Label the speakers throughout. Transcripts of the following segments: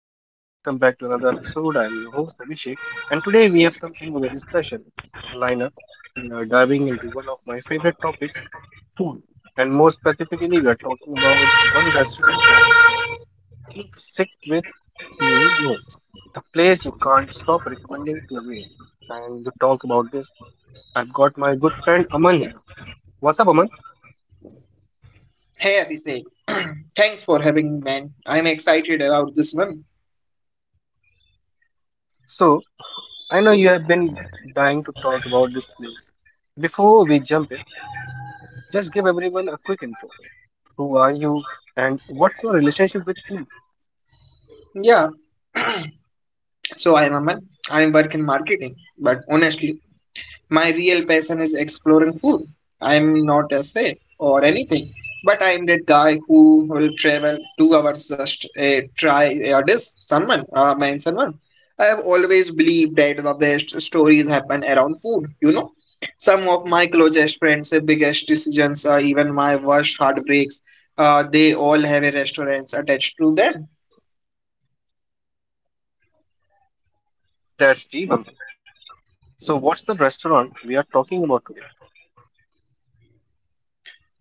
Speaker 1: Hey everyone, welcome back to another episode. I'm your host Abhishek, and today we have something very special lineup. We are diving into one of my favorite topics, food, and more specifically, we are talking about one restaurant that keeps sick with you, know, the place you can't stop recommending to everyone. And to talk about this, I've got my good friend Aman here. What's up, Aman?
Speaker 2: Hey Abhishek, thanks for having me, man. I'm excited about this one.
Speaker 1: So I know you have been dying to talk about this place. Before we jump in, just give everyone a quick intro. Who are you and what's your relationship with food?
Speaker 2: Yeah, so I'm Aman. I work in marketing, but honestly, my real passion is exploring food. I'm not a chef or anything, but I'm that guy who will travel 2 hours just try a dish, someone, man, someone. I have always believed that the best stories happen around food. Some of my closest friends' biggest decisions, even my worst heartbreaks, they all have a restaurants attached to them.
Speaker 1: That's Steve. So, what's the restaurant we are talking about today?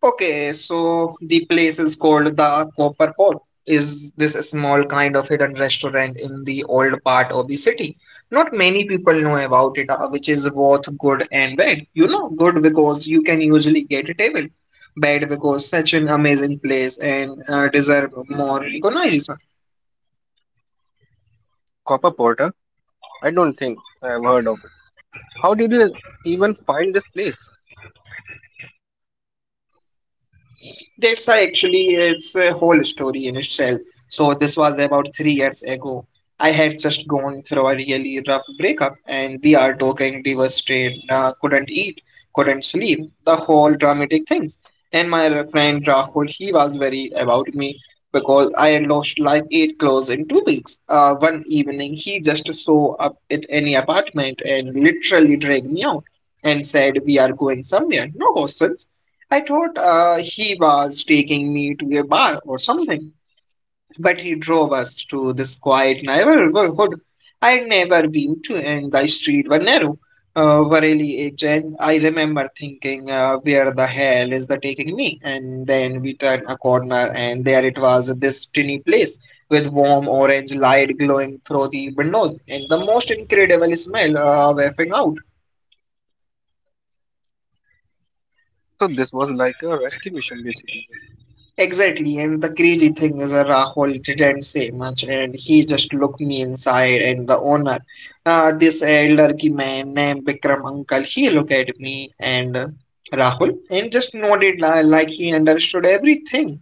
Speaker 2: Okay, so the place is called the Copper Pot. Is this a small kind of hidden restaurant in the old part of the city? Not many people know about it, which is both good and bad. You know, good because you can usually get a table, bad because such an amazing place and deserve more recognition.
Speaker 1: Copper Porter? I don't think I have heard of it. How did you even find this place?
Speaker 2: That's why actually it's a whole story in itself. So this was about 3 years ago. I had just gone through a really rough breakup, and we are talking devastated. Couldn't eat, couldn't sleep, the whole dramatic things. And my friend Rahul, he was worried about me because I had lost like eight clothes in 2 weeks. One evening, he just saw up at any apartment and literally dragged me out and said, "We are going somewhere. No questions." I thought he was taking me to a bar or something, but he drove us to this quiet neighborhood I'd never been to, and the streets were narrow, were really edge, and I remember thinking, where the hell is the taking me? And then we turned a corner, and there it was, this tiny place with warm orange light glowing through the windows, and the most incredible smell wafting out.
Speaker 1: So, this was like a rescue mission basically.
Speaker 2: Exactly, and the crazy thing is Rahul didn't say much, and he just looked me inside. And the owner, this elderly man named Bikram Uncle, he looked at me and Rahul and just nodded like he understood everything.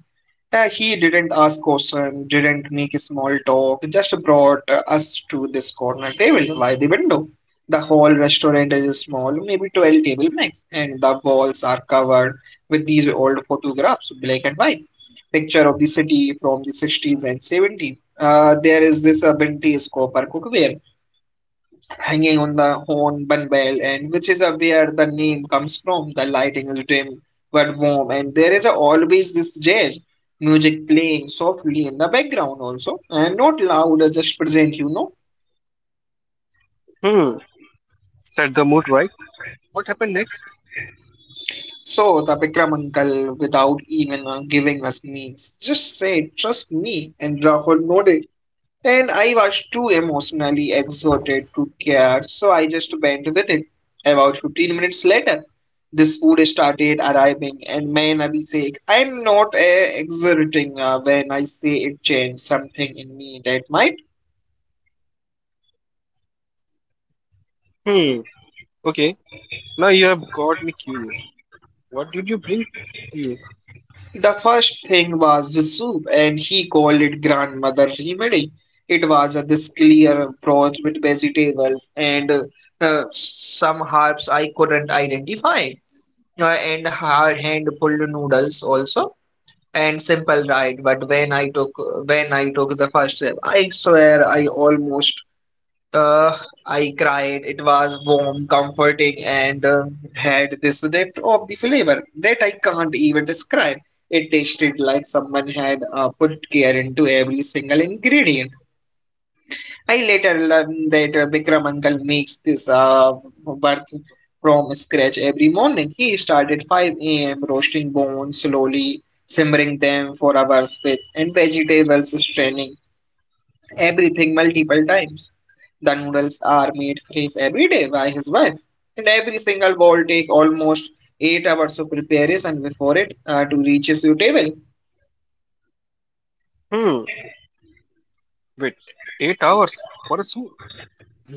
Speaker 2: Yeah, he didn't ask questions, didn't make a small talk, just brought us to this corner table by the window. The whole restaurant is small, maybe 12 table max, and the walls are covered with these old photographs, black and white. Picture of the city from the 60s and 70s. There is this vintage copper cookware hanging on the horn bell, and which is where the name comes from. The lighting is dim but warm, and there is always this jazz music playing softly in the background also, and not loud, just present, you know.
Speaker 1: Hmm, set the mood right. What happened next?
Speaker 2: So the Bikram uncle, without even giving us means, just said, "Trust me," and Rahul nodded. And I was too emotionally exhausted to care, so I just went with it. About 15 minutes later, this food started arriving, and man, Abhishek, I'm not exerting when I say it changed something in me that might.
Speaker 1: Hmm, okay, now you have got me curious. What did you bring to you?
Speaker 2: The first thing was the soup, and he called it grandmother remedy. It was this clear broth with vegetables and some herbs I couldn't identify. Yeah, and hard hand pulled noodles also and simple right but when I took the first sip I swear I almost uh I cried. It was warm comforting and had this depth of the flavor that I can't even describe. It tasted like someone had put care into every single ingredient. I later learned that Bikram uncle makes this birth from scratch every morning. He started 5 a.m. roasting bones slowly, simmering them for hours with and vegetables straining everything multiple times. The noodles are made fresh every day by his wife, and every single bowl take almost 8 hours of preparation before it to reaches your table.
Speaker 1: Hmm, wait, 8 hours for a soup?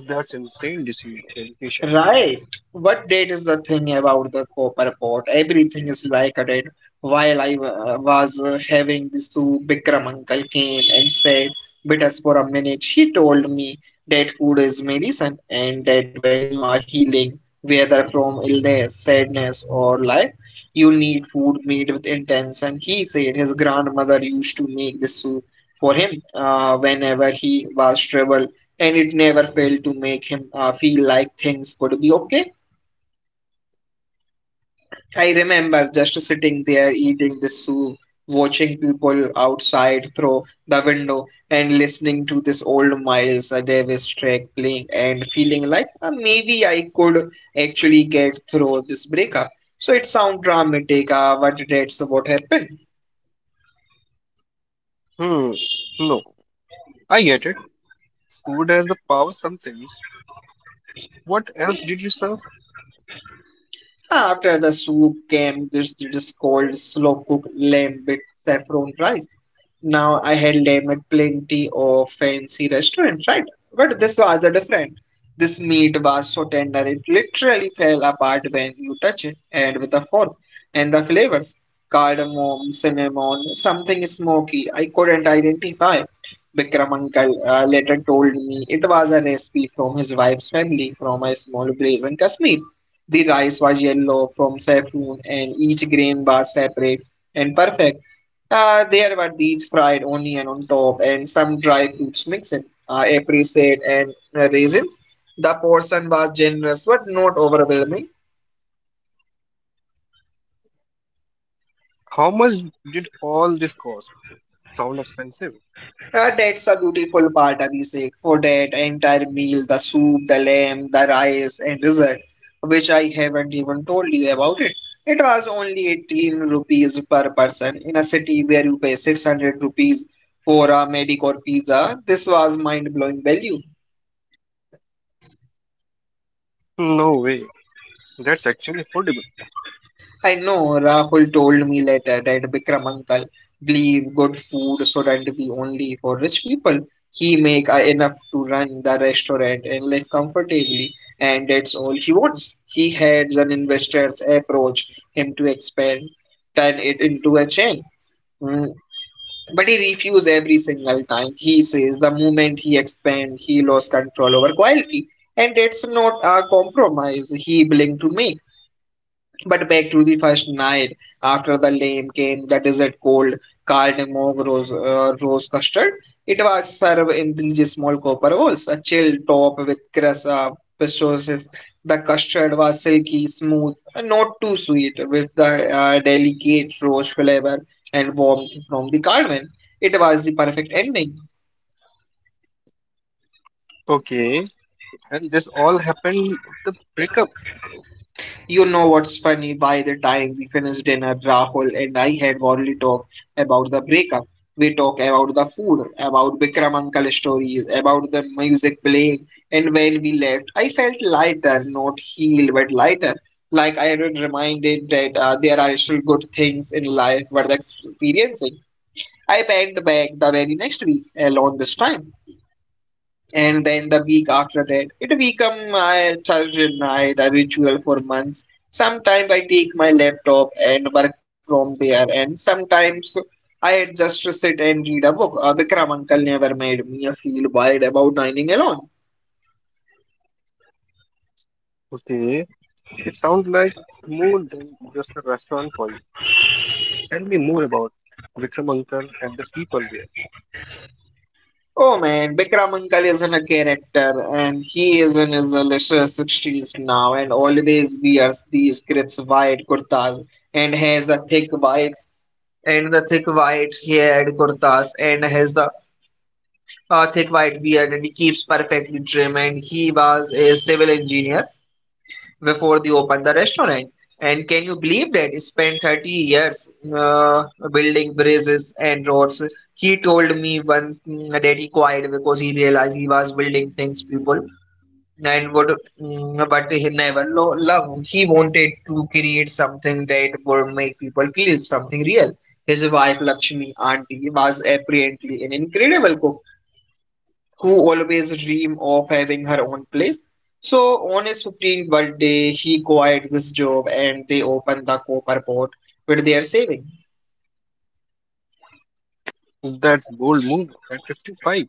Speaker 1: That's insane dedication.
Speaker 2: Right. What date is the thing about the copper pot? Everything is like a date. While I was having the soup, Bikram uncle came and said, "With us for a minute." He told me that food is medicine, and that when you are healing, whether from illness, sadness, or life, you need food made with intention. He said his grandmother used to make this soup for him whenever he was troubled and it never failed to make him feel like things could be okay. I remember just sitting there eating the soup, watching people outside through the window, and listening to this old Miles Davis track playing, and feeling like maybe I could actually get through this breakup. So it sounds dramatic, but that's what happened.
Speaker 1: Hmm. No, I get it. Food has the power sometimes. What else did you serve?
Speaker 2: After the soup came this cold, slow-cooked lamb with saffron rice. Now I had lamb at plenty of fancy restaurants, right? But this was a different. This meat was so tender it literally fell apart when you touch it, and with a fork. And the flavors, cardamom, cinnamon, something smoky, I couldn't identify. Bikram uncle later told me it was a recipe from his wife's family from a small place in Kashmir. The rice was yellow from saffron, and each grain was separate and perfect. There were these fried onion on top and some dry fruits mixed in, apricot and raisins. The portion was generous but not overwhelming.
Speaker 1: How much did all this cost? Sound expensive?
Speaker 2: Ah, that's a beautiful part, Abhishek. For that entire meal, the soup, the lamb, the rice, and dessert, which I haven't even told you about it. It was only 18 rupees per person in a city where you pay 600 rupees for a mediocre pizza. This was mind-blowing value.
Speaker 1: No way. That's actually affordable.
Speaker 2: I know Rahul told me later that Bikram uncle leave good food shouldn't be only for rich people. He make enough to run the restaurant and live comfortably, and that's all he wants. He had an investor's approach him to expand, turn it into a chain. Mm. But he refused every single time. He says the moment he expand, he lost control over quality, and that's not a compromise. He blinked to me. But back to the first night, after the lame came the dessert cold cardamom rose custard. It was served in three small copper bowls, a chill top with cress, pistachios. The custard was silky, smooth, and not too sweet, with the delicate rose flavor and warmth from the cardamom. It was the perfect ending.
Speaker 1: Okay. And this all happened with the breakup.
Speaker 2: You know what's funny? By the time we finished dinner, Rahul and I had only talked about the breakup. We talked about the food, about Bikram uncle stories, about the music playing, and when we left, I felt lighter, not healed, but lighter. Like I was reminded that there are still good things in life worth experiencing. I went back the very next week, alone this time and then the week after that it become my Thursday night a ritual for months. Sometimes I take my laptop and work from there, and sometimes I just sit and read a book. Bikram Uncle never made me feel bad about dining alone.
Speaker 1: Okay. It sounds like it's more than just a restaurant for you. Tell me more about Vikram Uncle and the people there.
Speaker 2: Oh man, Bikram Uncle isn't a character, and he is in his later 60s now, and always wears these crisp white kurtas, and has a thick white and the thick white haired kurtas, and has the a thick white beard and he keeps perfectly trim and he was a civil engineer before they opened the restaurant and can you believe that he spent 30 years uh, building bridges and roads. He told me once mm, that he quit because he realized he was building things people and would mm, but he never love he wanted to create something that would make people feel something real. His wife Lakshmi auntie was apparently an incredible cook who always dream of having her own place. So on his 15th birthday, he quit this job and they opened the copper pot with their saving.
Speaker 1: That's bold move at 55.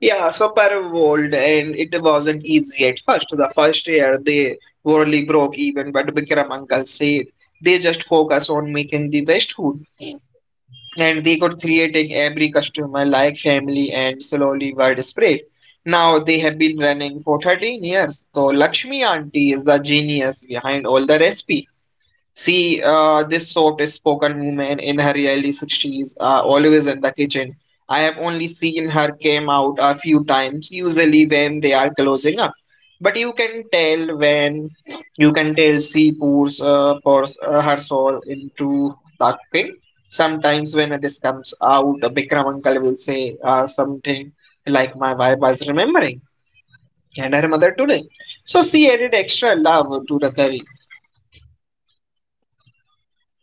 Speaker 2: Yeah, super bold and it wasn't easy at first. The first year they barely broke even, but Bikram uncle said they just focus on making the best food. And they got creating every customer like family and slowly widespread. Now they have been running for 13 years. So Lakshmi auntie is the genius behind all the recipe. See, this soft-spoken woman in her early 60s, always in the kitchen. I have only seen her came out a few times, usually when they are closing up. But you can tell she pours, pours her soul into the cooking. Sometimes when it is comes out, Bikram uncle will say something like, "My wife was remembering," and her mother today. So she added extra love to the curry.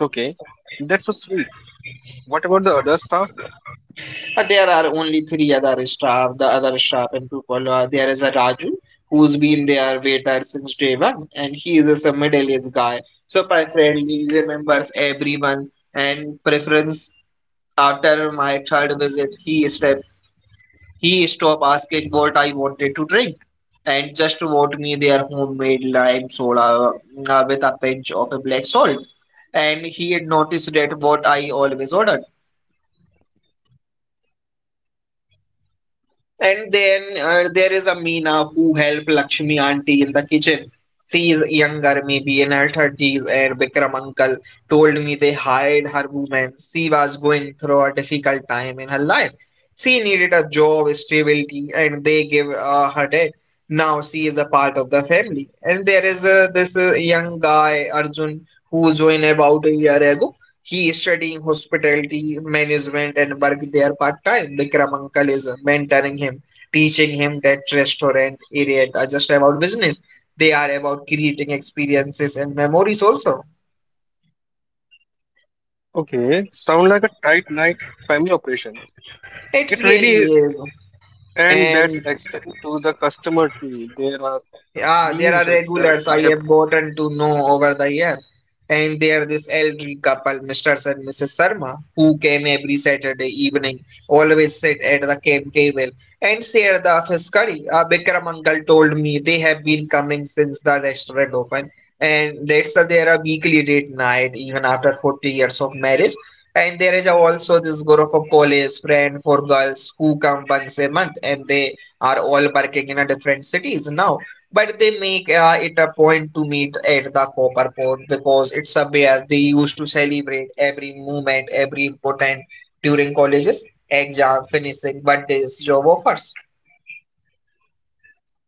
Speaker 1: Okay. That's so sweet. What about the other staff?
Speaker 2: But there are only three other staff, the other staff and people. There is a Raju who's been their waiter since day one, and he is a middle-aged guy, super friendly, remembers everyone, and preference. After my third visit, he stopped asking what I wanted to drink, and just brought me their homemade lime soda with a pinch of a black salt. And he had noticed that what I always ordered. And then there is Amina who helped Lakshmi auntie in the kitchen. She is younger, maybe in her 30s, and Vikram uncle told me they hired her woman. She was going through a difficult time in her life. She needed a job, stability, and they gave her that. Now she is a part of the family. And there is this young guy, Arjun, who joined about a year ago. He is studying hospitality management and work there part-time. Vikram uncle is mentoring him, teaching him that restaurant area are just about business. They are about creating experiences and memories also.
Speaker 1: Okay, sound like a tight night family operation.
Speaker 2: It
Speaker 1: It really
Speaker 2: really
Speaker 1: is,
Speaker 2: is.
Speaker 1: and that's
Speaker 2: And
Speaker 1: extend to the customer too. There are
Speaker 2: Yeah, there are
Speaker 1: these regulars.
Speaker 2: regulars
Speaker 1: I
Speaker 2: I
Speaker 1: have
Speaker 2: have gotten to know over the years. And there this elderly couple, Mr. and Mrs. Sharma, who came every Saturday evening, always sit at the camp table and share the office curry. Bikram uncle told me they have been coming since the restaurant opened. And that's their weekly date night, even after 40 years of marriage. And there is also this group of college friend for girls who come once a month and they are all working in a different cities now but they make it a point to meet at the copper port because it's a where they used to celebrate every moment every important during colleges exam finishing but this job offers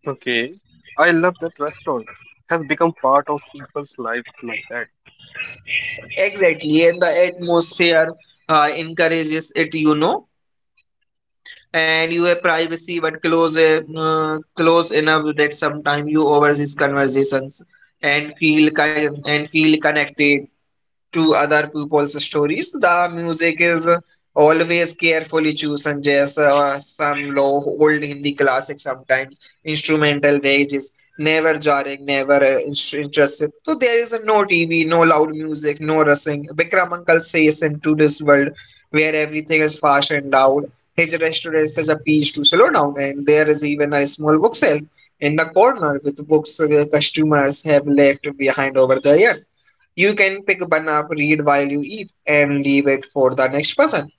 Speaker 1: Okay. I love that restaurant. Has become part of people's life like that.
Speaker 2: exactly and the atmosphere encourages it. And you have privacy but close close enough that sometimes you overseas conversations and feel kind and feel connected to other people's stories. The music is always carefully chosen, just some low old Hindi classic, sometimes instrumental wages, never jarring, never intrusive. So there is no TV, no loud music, no rushing. Vikram Uncle says into this world where everything is fast and loud. His restaurant is a piece to slow down, and there is even a small bookshelf in the corner with books the customers have left behind over the years. You can pick one up, read while you eat, and leave it for the next person.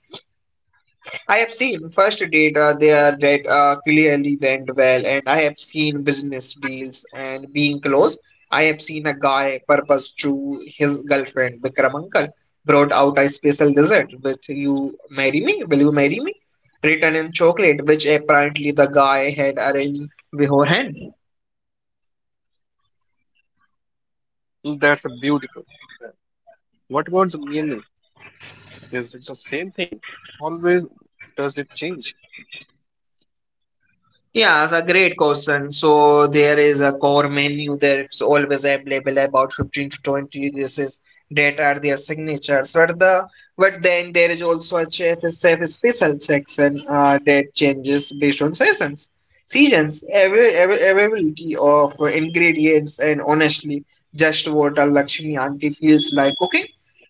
Speaker 2: I have seen first data there that clearly went well, and I have seen business deals and being close. I have seen a guy purpose to his girlfriend. Bikram uncle brought out a special dessert with you marry me? Will you marry me? Written in chocolate, which apparently the guy had arranged beforehand.
Speaker 1: That's a beautiful. What about the meal? Is it the same thing? Always does it change?
Speaker 2: Yeah, it's a great question. So there is a core menu that's always available, about 15 to 20 dishes that are their signatures. But then there is also a chef special section that changes based on seasons, every availability of ingredients, and honestly, just what a Lakshmi auntie feels like cooking.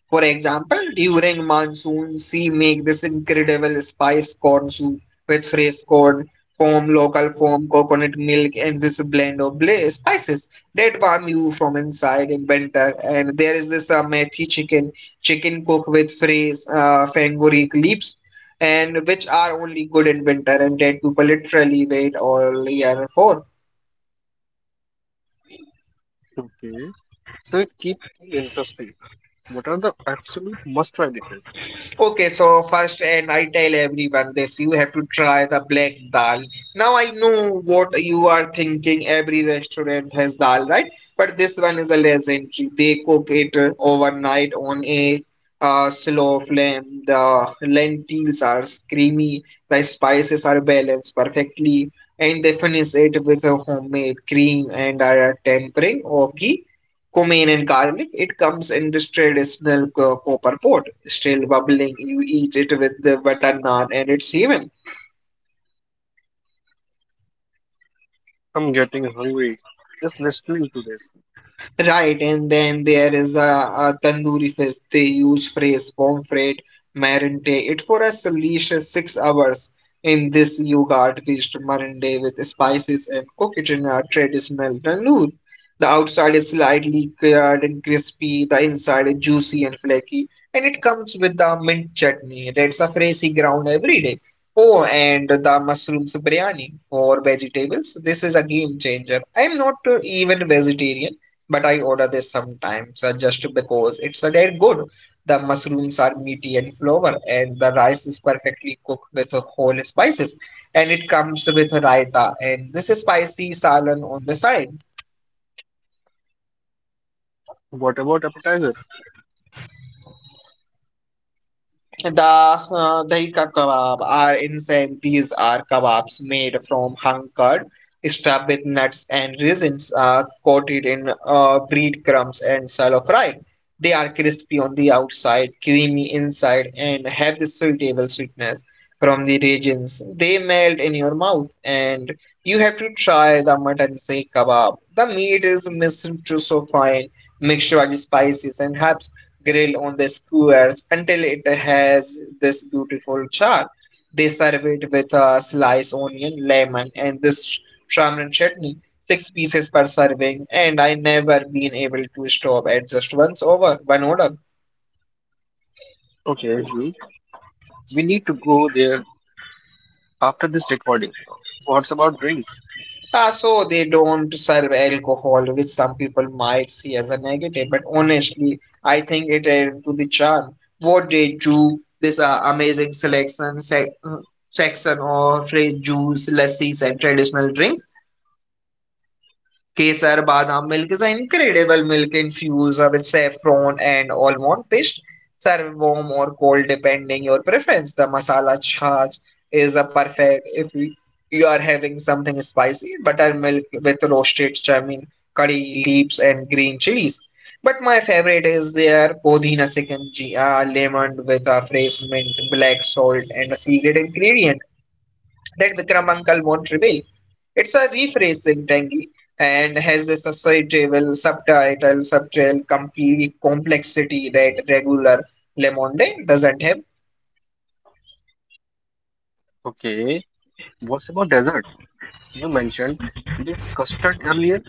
Speaker 2: For example, during monsoon, she make this incredible spice corn soup with fresh corn foam, local foam, coconut milk, and this blend of spices that warm you from inside in winter. And there is this chicken cooked with fresh fenugreek leaves, and which are only good in winter, and that people literally wait all year for.
Speaker 1: Okay. So it keeps things interesting. What are the absolute must-try dishes?
Speaker 2: Okay, so first, and I tell everyone this, you have to try the black dal. Now I know what you are thinking. Every restaurant has dal, right? But this one is a legendary. They cook it overnight on a slow flame. The lentils are creamy, the spices are balanced perfectly, and they finish it with a homemade cream and a tempering of ghee cumin and garlic. It comes in this traditional copper pot, still bubbling. You eat it with the butter naan and it's heaven.
Speaker 1: I'm getting hungry just listening to this.
Speaker 2: Right, and then there is a tandoori fish. They use phrase pomfret, marinate it for at least 6 hours in this yogurt fish marinade with spices and cook it in a traditional tandoor. The outside is slightly cured and crispy, the inside is juicy and flaky, and it comes with the mint chutney. That's a phrasey ground every day. Oh, and the mushrooms biryani for vegetables. This is a game changer. I'm not even vegetarian but I order this sometimes just because it's a dead good. The mushrooms are meaty and flour, and the rice is perfectly cooked with whole spices, and it comes with raita and this is spicy salad on the side.
Speaker 1: What about appetizers?
Speaker 2: The Dahika kebab are insane. These are kebabs made from hung curd, stuffed with nuts and raisins, coated in breadcrumbs and shallow fried. They are crispy on the outside, creamy inside, and have the suitable sweetness from the raisins. They melt in your mouth, and you have to try the mutton seekh kebab. The meat is minced to so fine, mixed with spices and herbs grill on the squares until it has this beautiful char. They serve it with a slice onion, lemon, and this tamarind chutney, six pieces per serving, and I never been able to stop at just once over one order.
Speaker 1: Okay, Ajmi, we need to go there after this recording. What's about drinks?
Speaker 2: Ah, so they don't serve alcohol, which some people might see as a negative, but honestly, I think it added to the charm. What they do, this section of fresh juice, lassis, and traditional drink. Kesar badam milk is an incredible milk infused with saffron and almond paste. Serve warm or cold depending your preference. The masala chaat is a perfect if you are having something spicy. Buttermilk with roasted chamin, curry leaves and green chilies. But my favorite is their Podhina Sikanji, a lemon with a fresh mint, black salt, and a secret ingredient that Vikram uncle won't reveal. It's a rephrasing tangy and has a societal subtrail, complete complexity that regular Le Monde doesn't have.
Speaker 1: Okay, what's about dessert? You mentioned the custard earlier.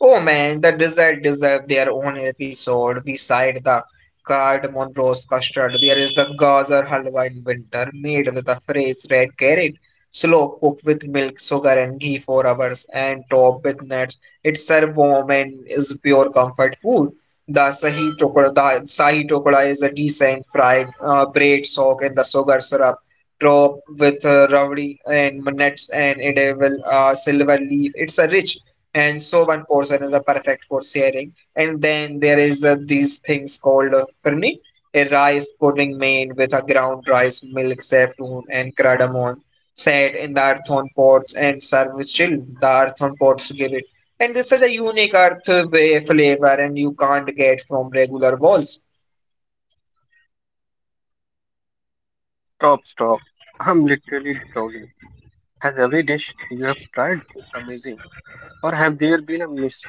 Speaker 2: Oh man, the dessert deserve their own episode. Beside the cardamom rose custard, there is the gajar halwa in winter, made with a fresh red carrot. Slow cooked with milk, sugar, and ghee for hours, and topped with nuts. It's served warm and is pure comfort food. The sahi tokada is a decent fried bread soaked in the sugar syrup, topped with rabdi and nuts, and it will silver leaf. It's a rich and so one portion is a perfect for sharing and then there is these things called firni, a rice pudding made with a ground rice milk saffron and cardamom set in the earthen pots and served with chill the earthen pots give it and this is a unique earth way flavor and you can't get from regular walls.
Speaker 1: Stop, stop. I'm literally drowning. Has every dish you have tried been amazing? Or have there been a miss?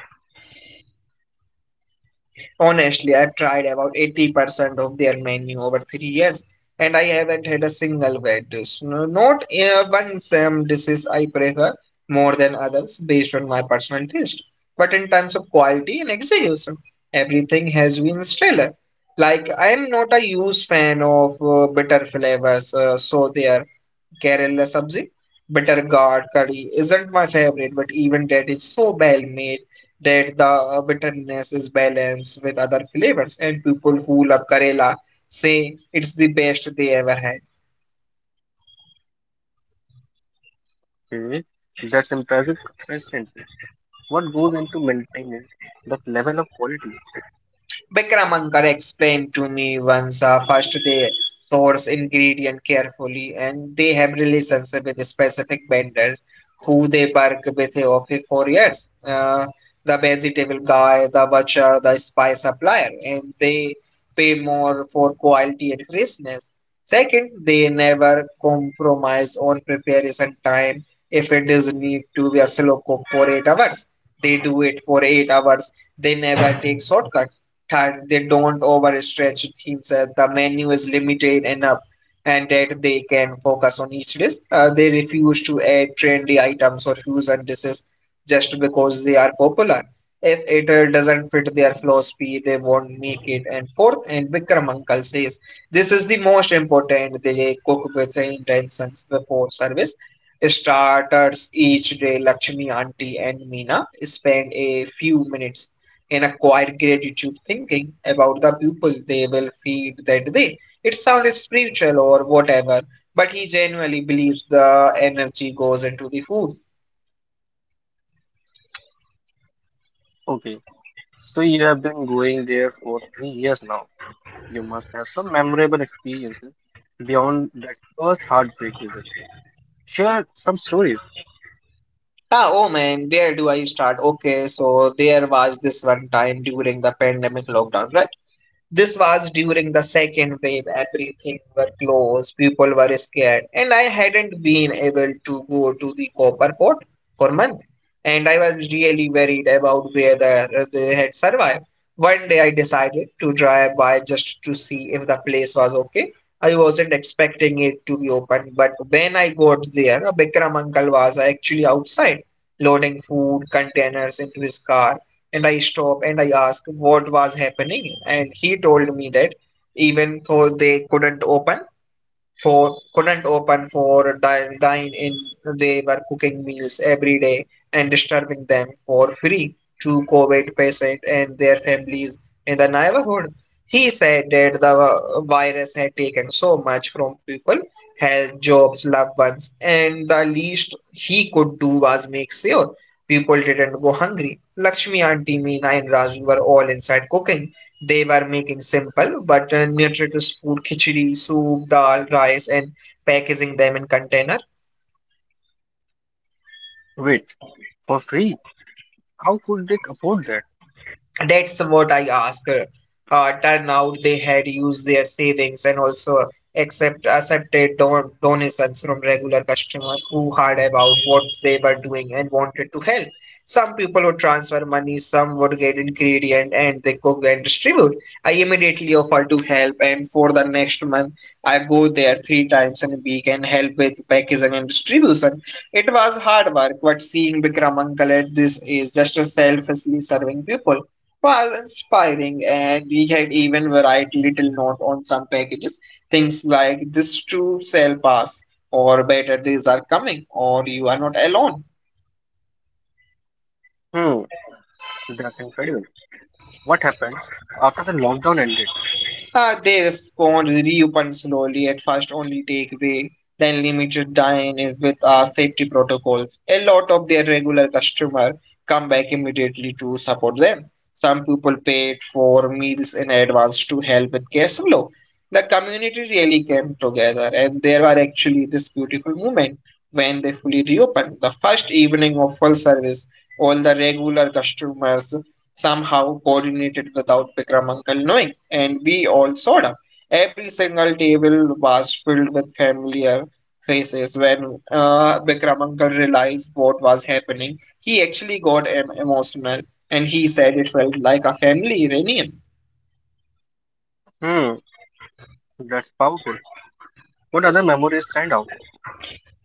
Speaker 2: Honestly, I've tried about 80% of their menu over 3 years, and I haven't had a single bad dish. Not one same dishes I prefer more than others based on my personal taste. But in terms of quality and execution, everything has been stellar. Like, I'm not a huge fan of bitter flavors, so there Kerala sabzi, bitter gourd curry isn't my favorite, but even that is so well made that the bitterness is balanced with other flavors. And people who love Kerala say it's the best they ever had.
Speaker 1: Okay, that's impressive consistency. What goes into maintaining that level of quality?
Speaker 2: Bikram Ankar explained to me once first they source ingredient carefully and they have relations with specific vendors who they work with for 4 years. The vegetable guy, the butcher, the spice supplier, and they pay more for quality and freshness. Second, they never compromise on preparation time. If it does need to be a slow cook for 8 hours, they do it for 8 hours. They never take shortcuts that they don't overstretch themselves, the menu is limited enough and that they can focus on each dish. They refuse to add trendy items or fusion dishes just because they are popular. If it doesn't fit their philosophy, they won't make it. And fourth, and Vikram Uncle says, this is the most important. They cook with intentions before service. Starters each day, Lakshmi Auntie and Meena spend a few minutes in a quiet gratitude thinking about the people they will feed that day. It sounds spiritual or whatever, but he genuinely believes the energy goes into the food.
Speaker 1: Okay, so you have been going there for 3 years now. You must have some memorable experiences beyond that first heartbreak visit. Share some stories.
Speaker 2: Ah, oh man, where do I start. Okay, so there was this one time during the pandemic lockdown, right? This was during the second wave. Everything were closed. People were scared, and I hadn't been able to go to the copper port for months. And I was really worried about whether they had survived. One day I decided to drive by just to see if the place was okay. I wasn't expecting it to be open, but when I got there, Bikram uncle was actually outside, loading food containers into his car. And I stop and I ask what was happening. And he told me that even though they couldn't open, dine in, they were cooking meals every day and disturbing them for free to covid patients and their families in the neighborhood. He said that the virus had taken so much from people, health, jobs, loved ones, and the least he could do was make sure people didn't go hungry. Lakshmi auntie, Meena, and Raju were all inside cooking. They were making simple but nutritious food, khichdi, soup, dal, rice, and packaging them in container.
Speaker 1: Wait, for free? How could they afford that?
Speaker 2: That's what I ask. Turn out they had used their savings and also accepted donations from regular customers who heard about what they were doing and wanted to help. Some people would transfer money, some would get ingredient and they cook and distribute. I immediately offered to help, and for the next month I go there three times in a week and help with packaging and distribution. It was hard work, but seeing Bikram uncle at this is just a selflessly serving people. Wow, inspiring. And we had even varied little note on some packages. Things like this true sale pass, or better days are coming, or you are not alone.
Speaker 1: Hmm, that's incredible. What happened after the lockdown ended?
Speaker 2: They respond, reopen slowly, at first only take away, then limited dine in with safety protocols. A lot of their regular customer come back immediately to support them. Some people paid for meals in advance to help with cash flow. The community really came together, and there were actually this beautiful moment when they fully reopened. The first evening of full service, all the regular customers somehow coordinated without Bikram uncle knowing, and we all sawed up. Every single table was filled with familiar faces. When Bikram uncle realized what was happening, he actually got emotional, and he said it felt like a family reunion.
Speaker 1: Hmm, that's powerful. What other memories stand out?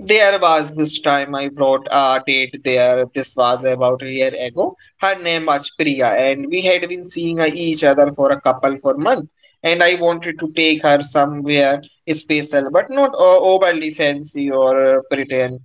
Speaker 2: There was this time I brought a date there. This was about a year ago. Her name was Priya, and we had been seeing each other for a couple for months. And I wanted to take her somewhere special, but not overly fancy or pretend.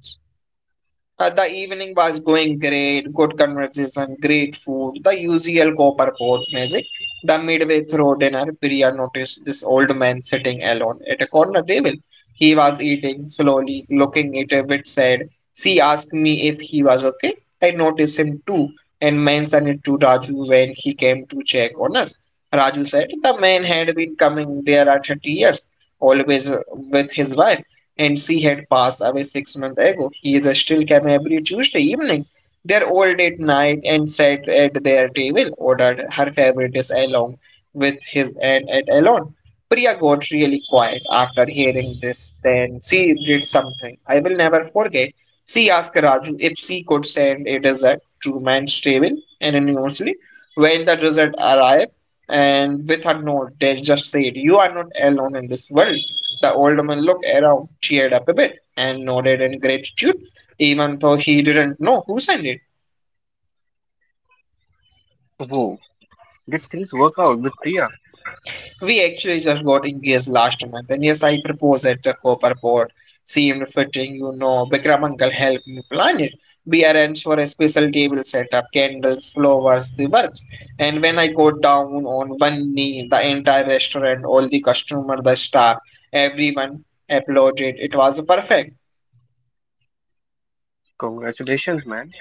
Speaker 2: The evening was going great, good conversation, great food, the usual copper pot music. The midway through dinner, Priya noticed this old man sitting alone at a corner table. He was eating slowly, looking at a bit sad. She asked me if he was okay. I noticed him too and mentioned it to Raju when he came to check on us. Raju said the man had been coming there at 30 years, always with his wife, and she had passed away 6 months ago. He is still came every Tuesday evening. They're old at night and sat at their table, ordered her favorite dish along with his and at alone. Priya got really quiet after hearing this. Then she did something I will never forget. She asked Raju if she could send a dessert to man's table anonymously. When the dessert arrived, and with her note, they just said, "You are not alone in this world." The old man looked around, cheered up a bit, and nodded in gratitude, even though he didn't know who sent it.
Speaker 1: Whoa, did things work out with Priya?
Speaker 2: We actually just got engaged last month, and yes, I proposed at the copper pot. Seemed fitting, you know. Vikram uncle helped me plan it. We arranged for a special table setup, candles, flowers, the works. And when I got down on one knee, the entire restaurant, all the customers, the staff, everyone applauded. It was perfect.
Speaker 1: Congratulations, man.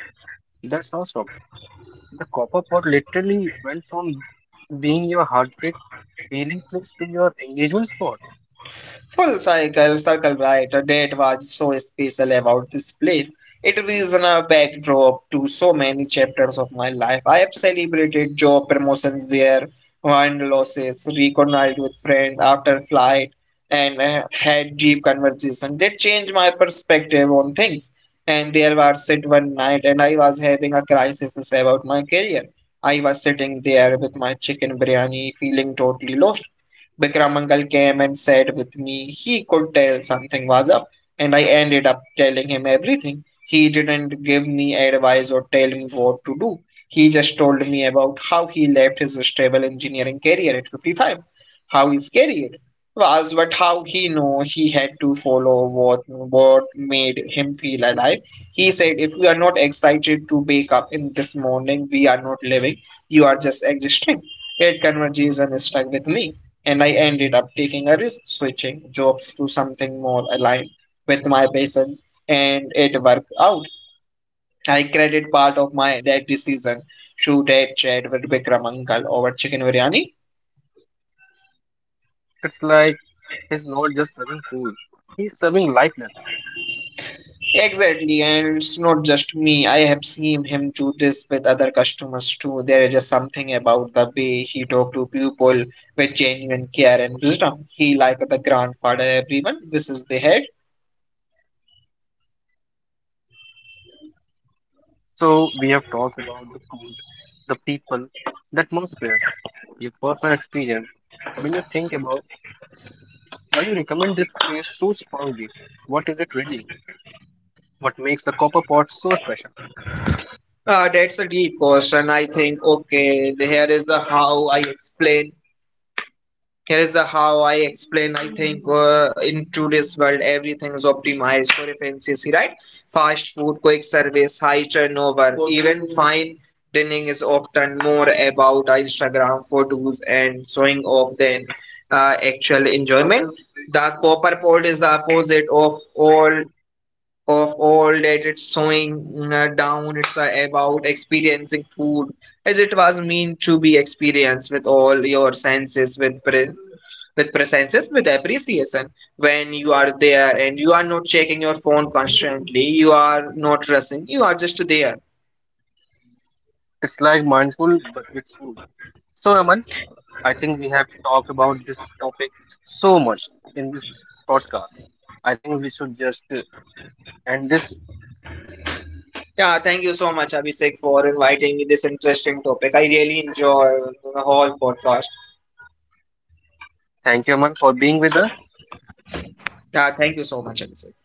Speaker 1: That's awesome. The copper pot literally went from being your heartbreak feeling place to your engagement spot.
Speaker 2: Full circle, circle right, a date was so special about this place. It is in a backdrop to so many chapters of my life. I have celebrated job promotions there, won losses, reconciled with friends after flight, and had deep conversation. They changed my perspective on things. And there was sit one night, and I was having a crisis about my career. I was sitting there with my chicken biryani, feeling totally lost. Bikram uncle came and said with me he could tell something was up, and I ended up telling him everything. He didn't give me advice or tell me what to do. He just told me about how he left his stable engineering career at 55, how his career was, but how he knew he had to follow what made him feel alive. He said, "If we are not excited to wake up in this morning, we are not living. You are just existing." That conversation stuck with me, and I ended up taking a risk switching jobs to something more aligned with my passions, and it worked out. I credit part of my that decision to that chat with Bikram uncle over chicken biryani.
Speaker 1: It's like he's not just serving food, he's serving life lessons.
Speaker 2: Exactly, and it's not just me. I have seen him do this with other customers too. There is just something about the way he talked to people with genuine care and wisdom. He like the grandfather everyone wishes they had.
Speaker 1: So we have talked about the food, the people, the atmosphere, your personal experience. When you think about why you recommend this place so strongly, what is it really? What makes the copper pot so special?
Speaker 2: That's a deep question. I think, okay, here is the how I explain. I think in today's world, everything is optimized for efficiency, right? Fast food, quick service, high turnover, even fine dining is often more about Instagram photos and showing off than actual enjoyment. The copper pod is the opposite of all that. It's showing down, it's about experiencing food as it was meant to be experienced, with all your senses, with with presences, with appreciation. When you are there, and you are not checking your phone constantly, you are not rushing, you are just there.
Speaker 1: It's like mindful but with food. So Aman, I think we have talked about this topic so much in this podcast. I think we should just end this.
Speaker 2: Yeah, thank you so much, Abhishek, for inviting me this interesting topic. I really enjoy the whole podcast.
Speaker 1: Thank you, Aman, for being with us.
Speaker 2: Yeah, thank you so much, Abhishek.